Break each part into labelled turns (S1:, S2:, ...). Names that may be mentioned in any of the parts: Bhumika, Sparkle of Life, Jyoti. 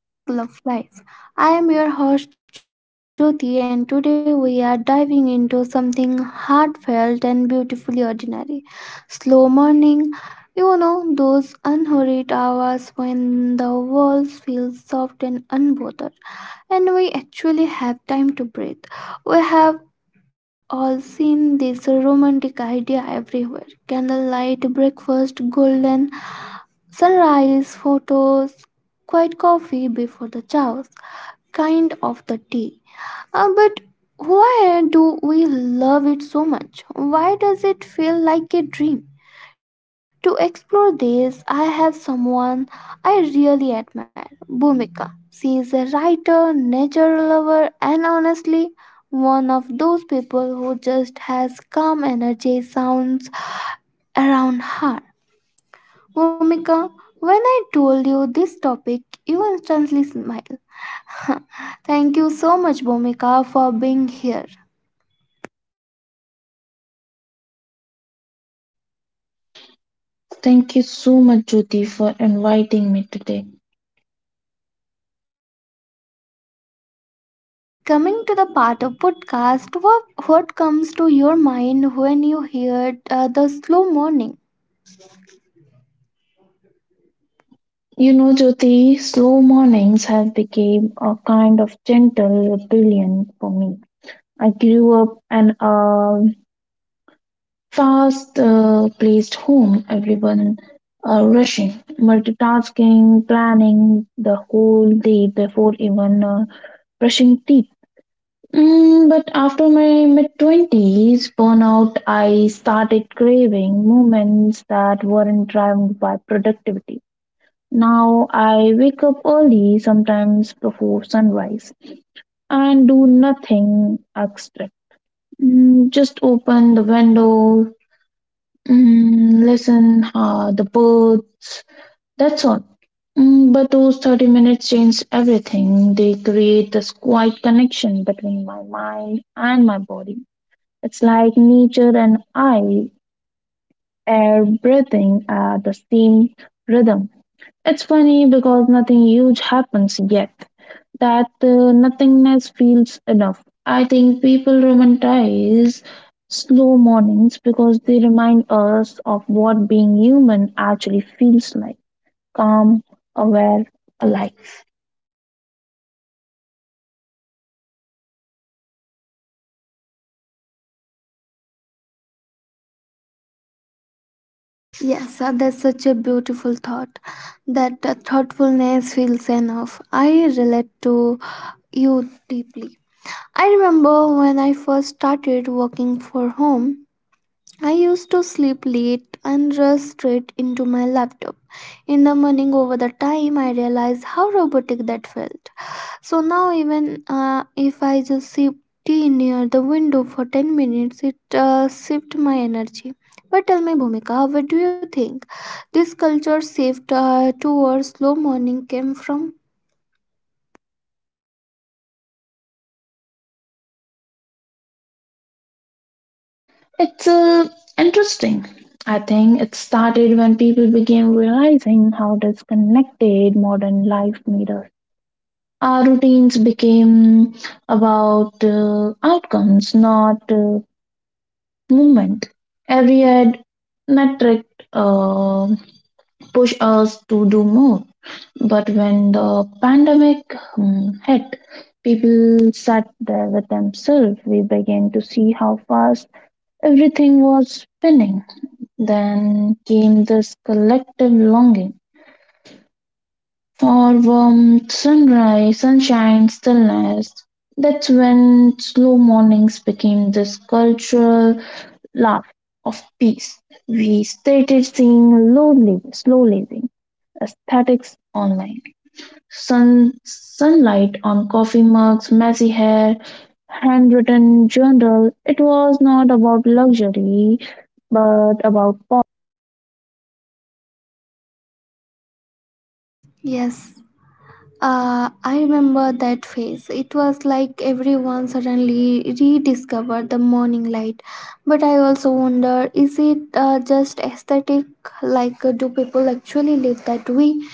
S1: Welcome back to Sparkle of Life. I am your host Jyoti, and today we are diving into something heartfelt and beautifully ordinary. Slow morning, you know, those unhurried hours when the world feels soft and unbothered, and we actually have time to breathe. We have all seen this romantic idea everywhere, candlelight breakfast, golden sunrise photos, quiet coffee before the chows, kind of the tea. But why do we love it so much? Why does it feel like a dream? To explore this, I have someone I really admire, Bhumika. She is a writer, nature lover, and honestly, one of those people who just has calm energy sounds around her. Bhumika, when I told you this topic, you instantly smiled. Thank you so much, Bhumika, for being here.
S2: Thank you so much, Jyoti, for inviting me today.
S1: Yes. Coming to the part of podcast, what comes to your mind when you hear the slow morning?
S2: You know, Jyoti, slow mornings have become a kind of gentle rebellion for me. I grew up in a fast-paced home, everyone rushing, multitasking, planning the whole day before even brushing teeth. But after my mid 20s burnout, I started craving moments that weren't driven by productivity. Now I wake up early, sometimes before sunrise, and do nothing extra. Just open the window, listen the birds. That's all. But those 30 minutes change everything. They create this quiet connection between my mind and my body. It's like nature and I are breathing at the same rhythm. It's funny because nothing huge happens yet. That nothingness feels enough. I think people romanticize slow mornings because they remind us of what being human actually feels like: calm, aware, alive.
S1: Yes, that's such a beautiful thought. That thoughtfulness feels enough. I relate to you deeply. I remember when I first started working for home, I used to sleep late and rush straight into my laptop. In the morning, over the time, I realized how robotic that felt. So now, even if I just sip tea near the window for 10 minutes, it shifts my energy. But tell me, Bhumika, where do you think this culture shift towards slow morning came from?
S2: It's interesting. I think it started when people began realizing how disconnected modern life made us. Our routines became about outcomes, not movement. Every ad metric uh, push us to do more. But when the pandemic hit, people sat there with themselves. We began to see how fast everything was spinning. Then came this collective longing for warmth, sunrise, sunshine, stillness. That's when slow mornings became this cultural laugh of peace. We started seeing low living, slow living aesthetics online. Sunlight on coffee mugs, messy hair, handwritten journal. It was not about luxury, but about.
S1: Yes. I remember that phase. It was like everyone suddenly rediscovered the morning light. But I also wonder, is it just aesthetic? Like, do people actually live that way?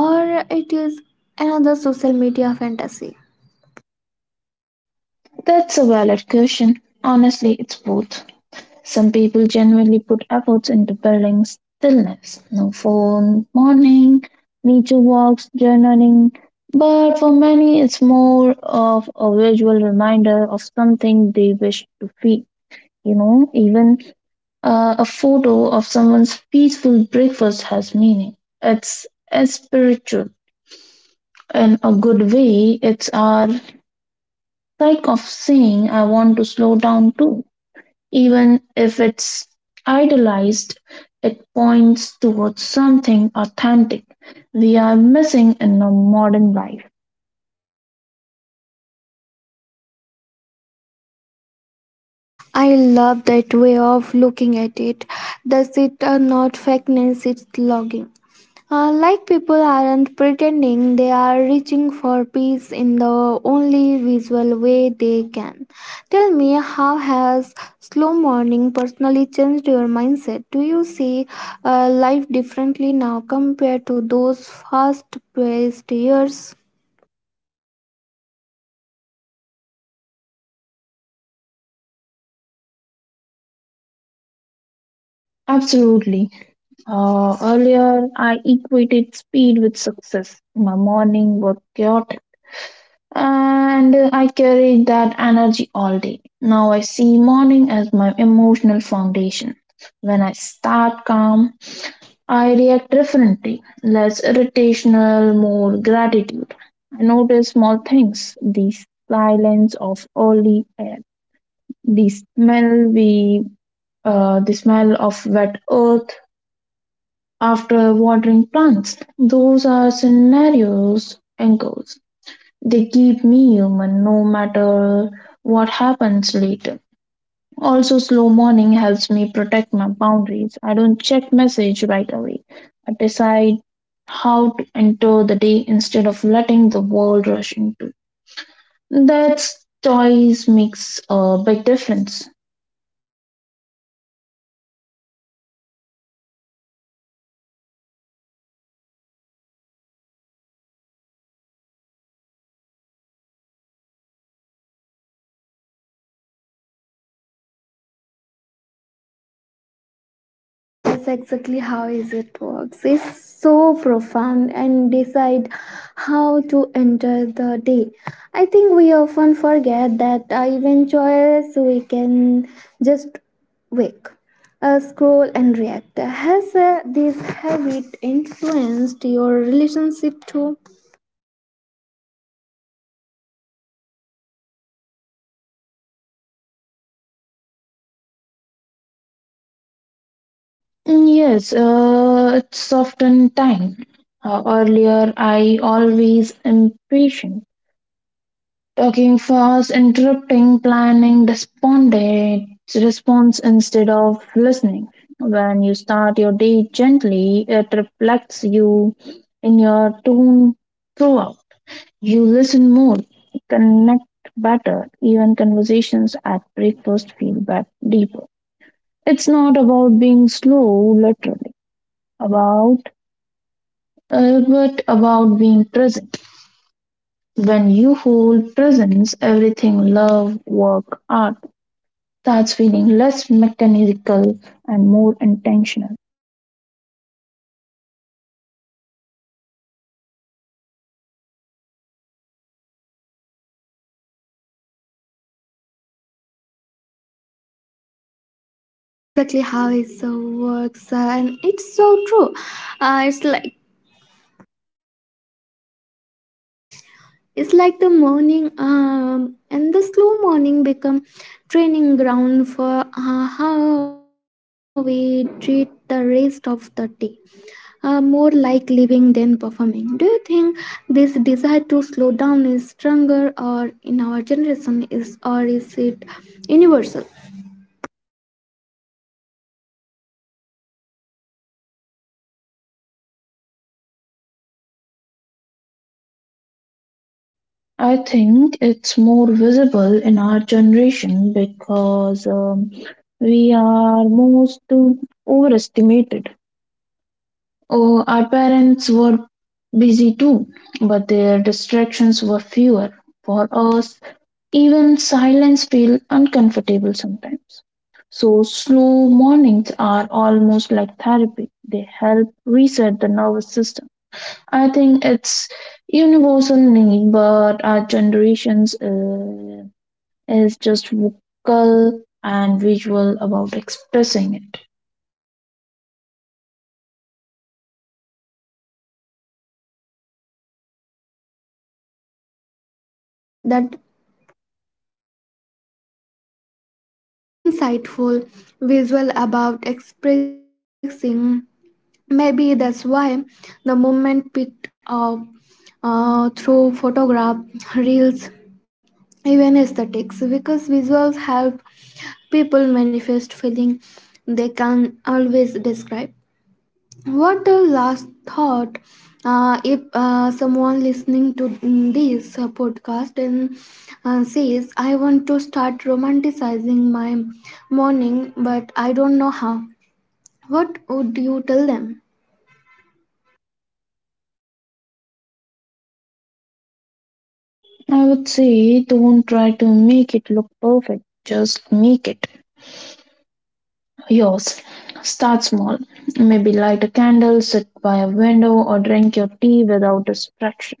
S1: Or it is another social media fantasy?
S2: That's a valid question. Honestly, it's both. Some people genuinely put efforts into building stillness, no phone, morning, nature walks, journaling. But for many, it's more of a visual reminder of something they wish to feel. You know, even a photo of someone's peaceful breakfast has meaning. It's a spiritual. In a good way, it's our like of saying, I want to slow down too. Even if it's idealized, it points towards something authentic we are missing in our modern life.
S1: I love that way of looking at it. Does it not fakeness, it's logging? Like people aren't pretending, they are reaching for peace in the only visual way they can. Tell me, how has slow morning personally changed your mindset? Do you see life differently now compared to those fast paced years?
S2: Absolutely. Earlier, I equated speed with success. My morning was chaotic, and I carried that energy all day. Now I see morning as my emotional foundation. When I start calm, I react differently, less irritational, more gratitude. I notice small things, the silence of early air, the smell we, the smell of wet earth after watering plants. Those are scenarios and goals. They keep me human no matter what happens later. Also, slow morning helps me protect my boundaries. I don't check message right away. I decide how to enter the day instead of letting the world rush into. That choice makes a big difference.
S1: Yes, so that's exactly how is it works. It's so profound, and decide how to enter the day. I think we often forget that even choice we can just wake, scroll and react. Has this habit influenced your relationship too?
S2: Mm, yes, it's often time. Earlier, I always impatient. Talking fast, interrupting, planning, despondent response instead of listening. When you start your day gently, it reflects you in your tone throughout. You listen more, connect better, even conversations at breakfast feel deeper. It's not about being slow, literally, about but about being present. When you hold presence, everything love, work, art starts feeling less mechanical and more intentional.
S1: Yes, exactly how it so works, and it's so true. Uh, it's like It's like the morning and the slow morning become training ground for how we treat the rest of the day. More like living than performing. Do you think this desire to slow down is stronger or in our generation is or is it universal?
S2: I think it's more visible in our generation because we are most overestimated. Oh, our parents were busy too, but their distractions were fewer. For us, even silence feels uncomfortable sometimes. So, slow mornings are almost like therapy. They help reset the nervous system. I think it's universal need, but our generations is just vocal and visual about expressing it.
S1: Yes, that insightful visual about expressing. Maybe that's why the movement picked up through photograph, reels, even aesthetics, because visuals help people manifest feeling they can always describe. What the last thought? If someone listening to this podcast and says, "I want to start romanticizing my morning, but I don't know how," what would you tell them?
S2: I would say don't try to make it look perfect. Just make it yours. Start small. Maybe light a candle, sit by a window, or drink your tea without distraction.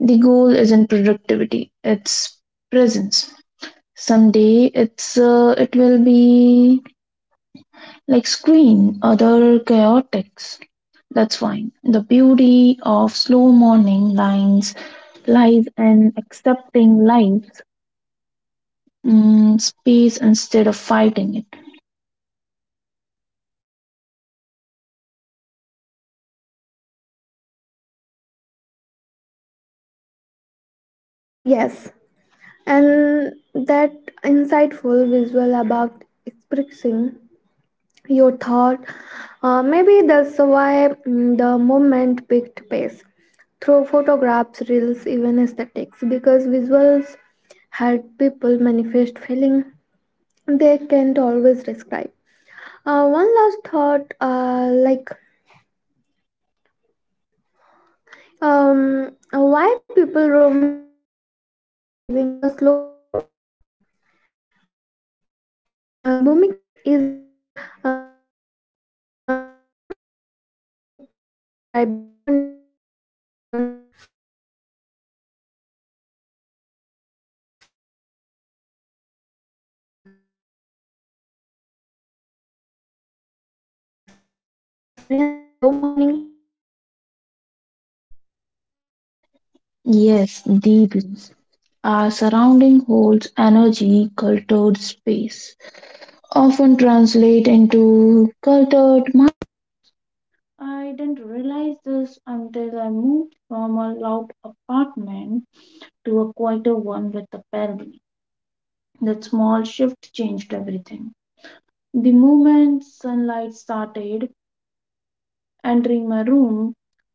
S2: The goal isn't productivity, it's presence. Someday it will be like screen other chaotics. That's fine. The beauty of slow morning lines lies in accepting life's space instead of fighting it.
S1: Yes, and that insightful visual about expressing your thought, maybe that's why the movement picked pace through photographs reels even aesthetics because visuals help people manifest feeling they can't always describe. One last thought, why people romanticizing the slow morning. Bhumika, is there any something comforting about hearing you describe the morning and companions? But I am curious, do you think our environment, like space we lived in, affects how we experience the slow morning?
S2: Yes, deeply. Our surrounding holds energy, cultured space, often translate into cultured mind. I didn't realize this until I moved from a loud apartment to a quieter one with a balcony. That small shift changed everything. The moment sunlight started entering my room,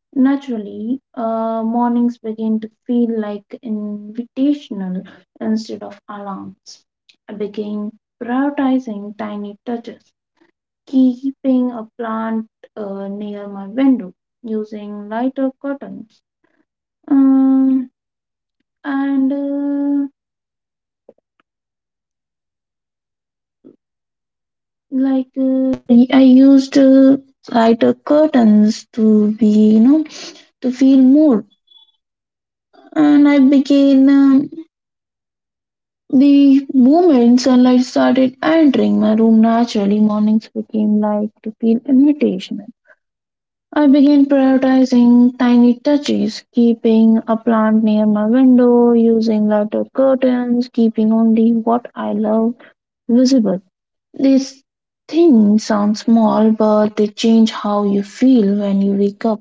S2: naturally, mornings began to feel like invitational instead of alarms. I began prioritizing tiny touches, keeping a plant near my window, using lighter curtains, um, and like I used lighter curtains to be, you know, to feel more. And I began the moment sunlight started entering my room naturally. Mornings became like to feel invitational. I began prioritizing tiny touches, keeping a plant near my window, using lighter curtains, keeping only what I love visible. These things sound small, but they change how you feel when you wake up.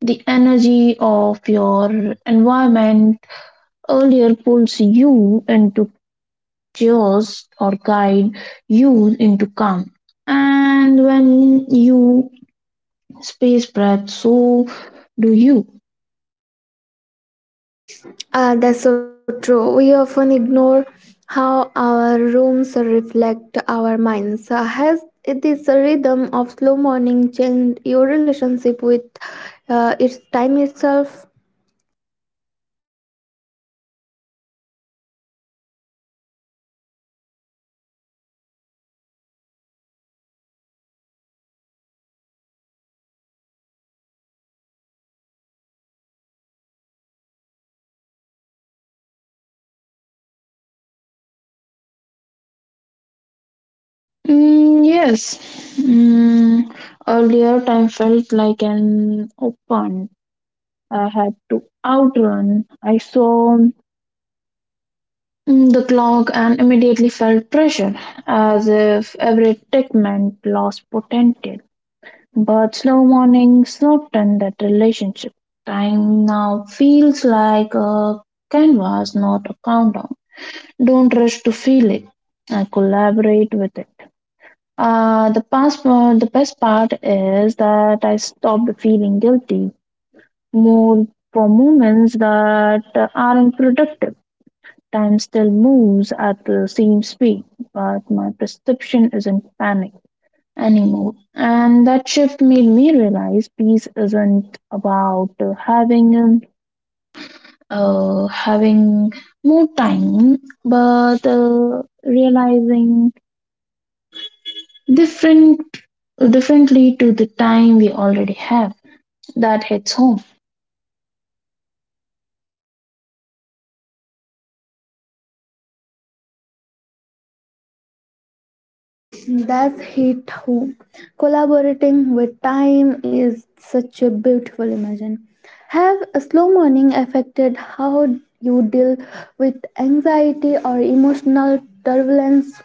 S2: The energy of your environment earlier pulls you into chaos or guide you into calm. And when you space breath, so do you.
S1: Ah, that's so true. We often ignore how our rooms reflect our minds. Has this rhythm of slow morning changed your relationship with its time itself?
S2: Mm, yes. Mm, Earlier time felt like an open. I had to outrun. I saw the clock and immediately felt pressure, as if every tick meant lost potential. But slow mornings soften that relationship. Time now feels like a canvas, not a countdown. Don't rush to feel it. I collaborate with it. The best part is that I stopped feeling guilty more for moments that aren't productive. Time still moves at the same speed, but my perception isn't panic anymore. And that shift made me realize peace isn't about having more time, but realizing different differently to the time we already have that hits home.
S1: That's hit home. Collaborating with time is such a beautiful imagine. Have a slow morning affected how you deal with anxiety or emotional turbulence?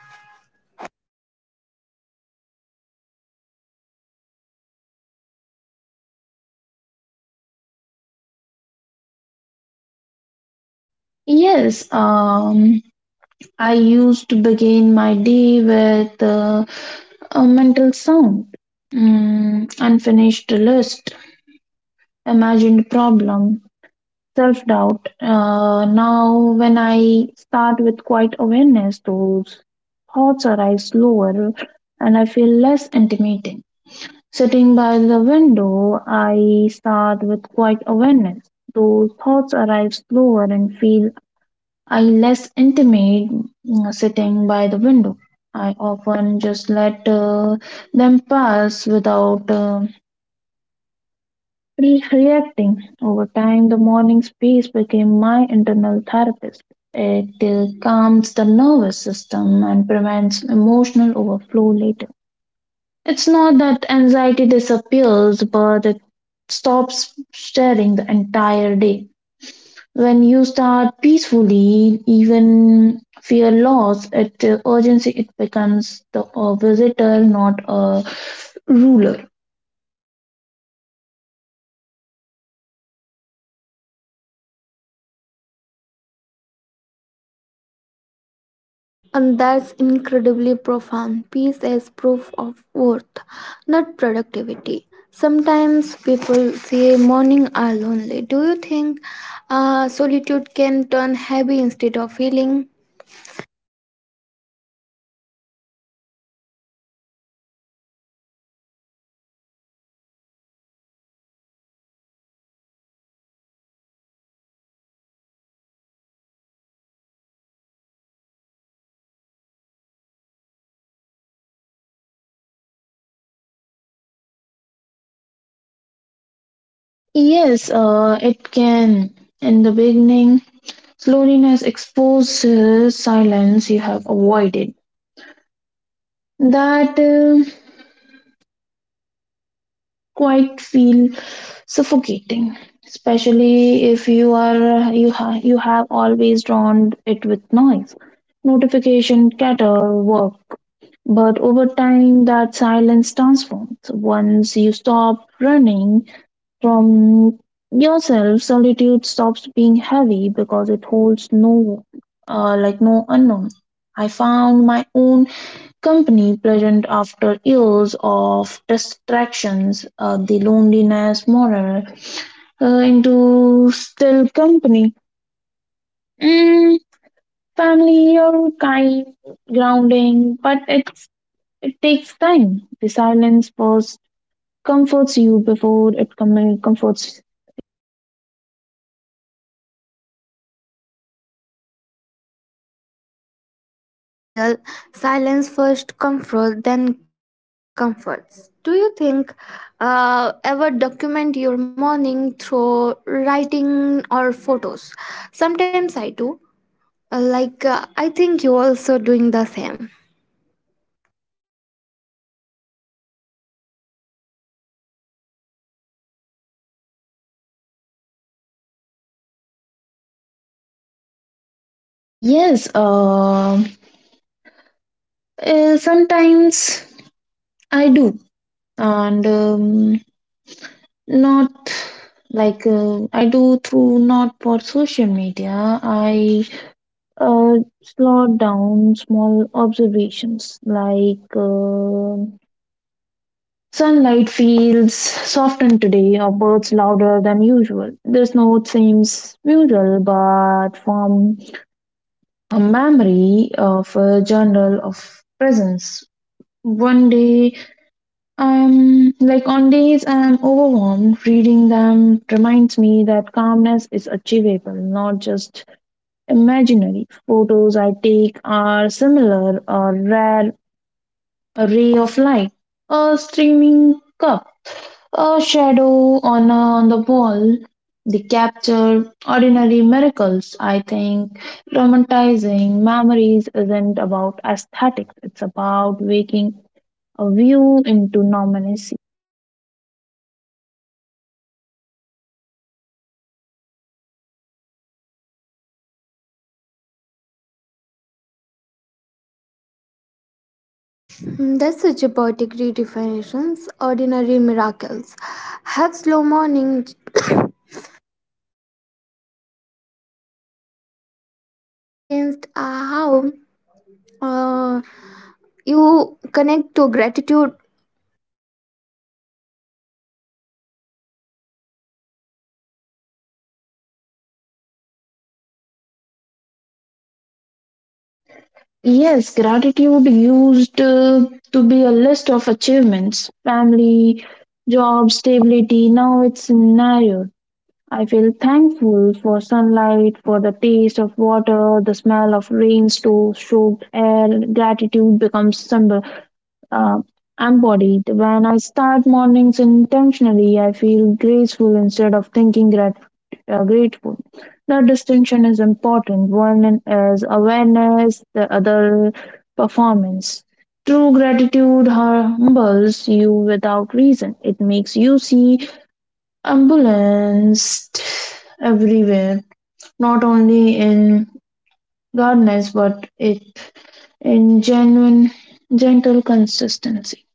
S2: Yes, I used to begin my day with a mental sound, unfinished list, imagined problem, self doubt. Now, when I start with quiet awareness, those thoughts arise slower and I feel less intimidating. Sitting by the window, I start with quiet awareness. Those thoughts arrive slower and feel I less intimate sitting by the window. I often just let them pass without reacting. Over time, the morning space became my internal therapist. It calms the nervous system and prevents emotional overflow later. It's not that anxiety disappears, but it stops staring the entire day. When you start peacefully, even fear loss, at urgency, it becomes the a visitor, not a ruler.
S1: And that's incredibly profound. Peace as proof of worth, not productivity. Sometimes people say morning are lonely. Do you think solitude can turn heavy instead of healing?
S2: Yes, it can. In the beginning, loneliness exposes silence you have avoided. That quite feel suffocating, especially if you are you ha- you have always drawn it with noise, notification, chatter, work. But over time, that silence transforms. Once you stop running from yourself, solitude stops being heavy because it holds no, no unknown. I found my own company pleasant after years of distractions, the loneliness moral uh, into still company. Mm, family or kind grounding, but it takes time. The silence first comforts you before comforts.
S1: That's so real. Silence first, comfort, then comforts. Do you think ever document your morning through writing or photos? Sometimes I do. Like, I think you also doing the same.
S2: Yes, sometimes I do, and. Not like I do through not for social media. I uh, Slot down small observations like sunlight feels softened today or birds louder than usual. This note seems usual, but from a memory of a journal of presence. One day like on days I'm overwhelmed, reading them reminds me that calmness is achievable, not just imaginary. Photos I take are similar, a rare ray of light, a streaming cup, a shadow on on the wall. They capture ordinary miracles. I think romanticizing memories isn't about aesthetics; it's about waking a view into normalcy.
S1: Mm, that's such a poetic definitions. Ordinary miracles. Have slow morning changed, how uh, you connect to gratitude?
S2: Yes, gratitude used to be a list of achievements, family, job, stability. Now it's narrowed. I feel thankful for sunlight, for the taste of water, the smell of rain, stove, soaked air. Gratitude becomes symbol, uh, embodied. When I start mornings intentionally, I feel graceful instead of thinking yeah, grateful. That distinction is important. One is awareness, the other performance. True gratitude humbles you without reason. It makes you see ambulance everywhere, not only in gardens but it in genuine, gentle consistency.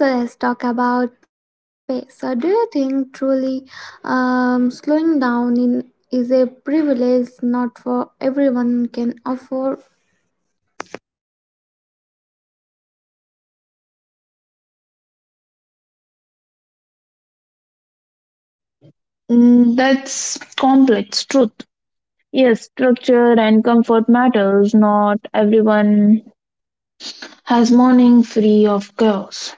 S1: So let's talk about pace. So do you think truly slowing down in is a privilege not for everyone can afford?
S2: Mm, that's complex truth. Yes, structure and comfort matters. Not everyone has morning free of chaos.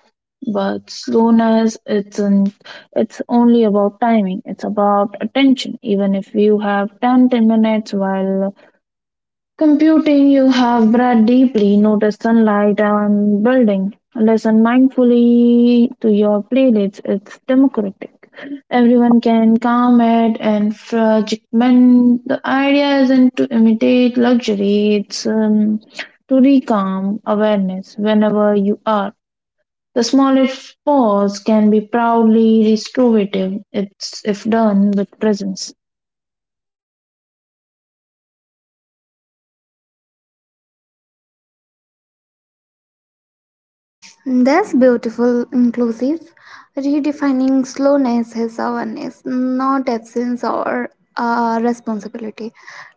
S2: But slowness isn't it's only about timing, it's about attention. Even if you have 10 minutes while computing, you have breathed deeply, notice sunlight on building, listen mindfully to your playlists. It's democratic. Everyone can calm it and fragment. The idea isn't to imitate luxury, it's to recalm awareness whenever you are. The smallest pause can be proudly restorative it's if done with presence.
S1: That's beautiful, inclusive. Redefining slowness as awareness, not absence or responsibility.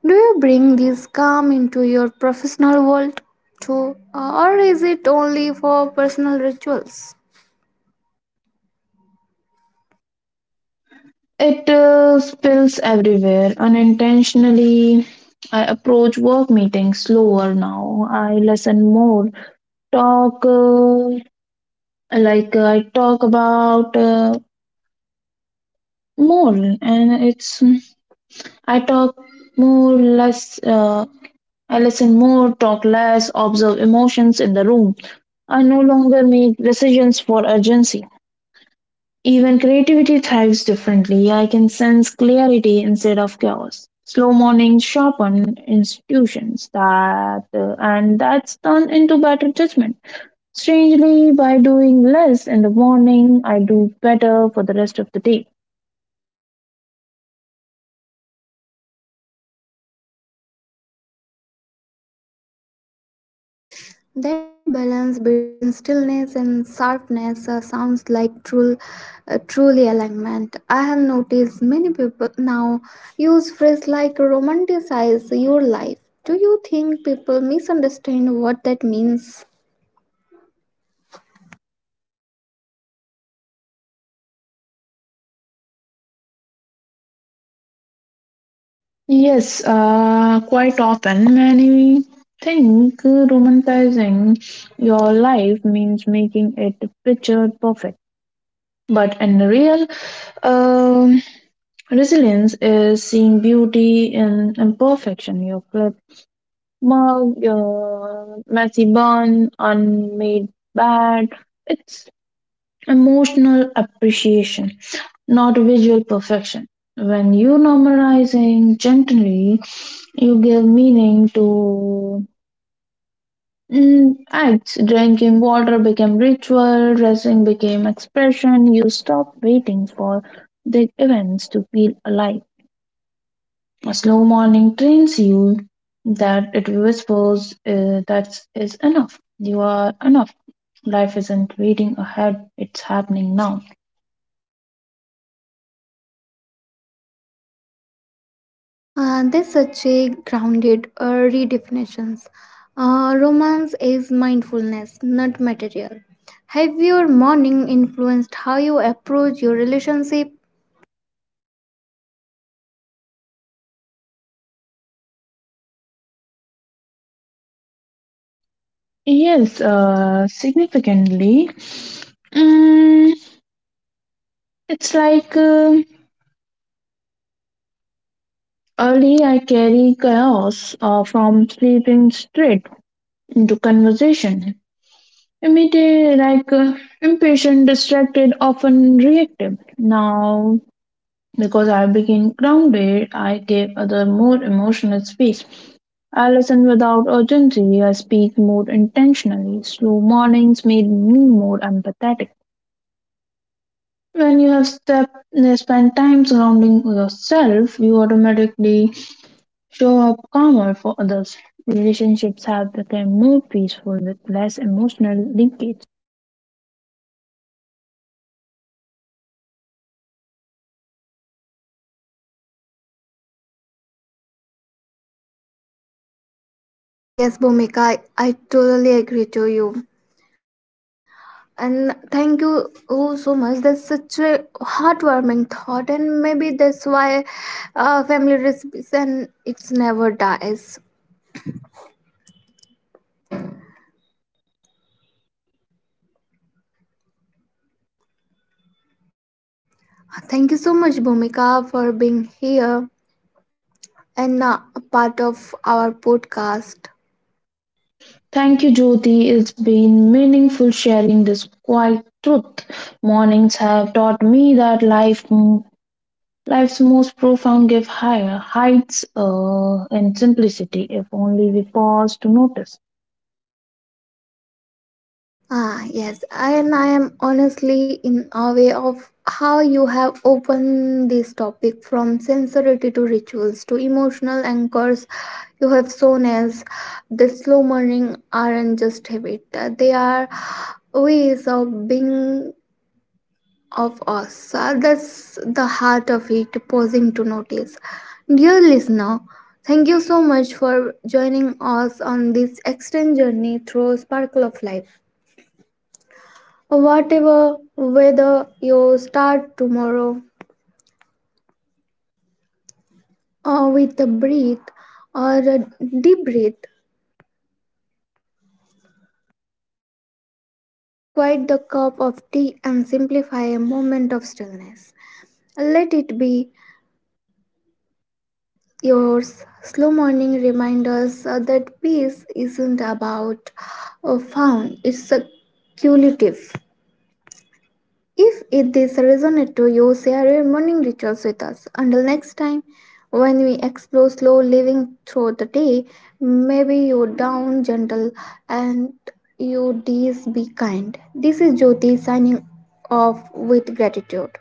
S1: Do you bring this calm into your professional world too, or is it only for personal rituals?
S2: It spills everywhere unintentionally. I approach work meetings slower now. I listen more, talk like I talk about more, and it's I talk more, less. I listen more, talk less, observe emotions in the room. I no longer make decisions for urgency. Even creativity thrives differently. I can sense clarity instead of chaos. Slow mornings sharpen institutions that, and that's turned into better judgment. Strangely, by doing less in the morning, I do better for the rest of the day.
S1: That balance between stillness and sharpness sounds like truly alignment. I have noticed many people now use phrases like romanticize your life. Do you think people misunderstand what that means?
S2: Yes, quite often many think romanticizing your life means making it picture perfect, but in real, um resilience is seeing beauty in imperfection, your clipped mug, your messy bun, unmade bed. It's emotional appreciation, not visual perfection. When you normalizing gently, you give meaning to acts. Drinking water became ritual, dressing became expression. You stop waiting for big events to feel alive. A slow morning trains you that it whispers that is enough. You are enough. Life isn't waiting ahead, it's happening now.
S1: There's such a grounded redefinitions. Romance is mindfulness, not material. Have your morning influenced how you approach your relationship?
S2: Yes, significantly. Mm, it's like Early I carry chaos from sleeping straight into conversation. Immediate, impatient, distracted, often reactive. Now because I became grounded, I gave other more emotional space. I listen without urgency, I speak more intentionally. Slow mornings made me more empathetic. When you spent time surrounding yourself, you automatically show up calmer for others. Relationships have become more peaceful with less emotional leakage.
S1: Ah, yes, Bhumika, I totally agree to you. And thank you, oh, so much. That's such a heartwarming thought, and maybe that's why family recipes and it's never dies. Thank you so much, Bhumika, for being here and a part of our podcast.
S2: Thank you, Jyoti. It's been meaningful sharing this quiet truth. Mornings have taught me that life's most profound give higher heights in simplicity if only we pause to notice.
S1: Ah, yes, I, and I am honestly in awe of how you have opened this topic from sincerity to rituals to emotional anchors you have shown us. The slow morning aren't just habit, they are ways of being of us. That's the heart of it, pausing to notice. Dear listener, thank you so much for joining us on this extended journey through Sparkle of Life. Whatever weather you start tomorrow or with a breath or a deep breath, quite the cup of tea and simplify a moment of stillness. Let it be yours. Slow morning reminders that peace isn't about found, it's a cumulative. If it this resonate to you, share your morning rituals with us. Until next time, when we explore slow living through the day, maybe you down gentle and you days be kind. This is Jyoti signing off with gratitude.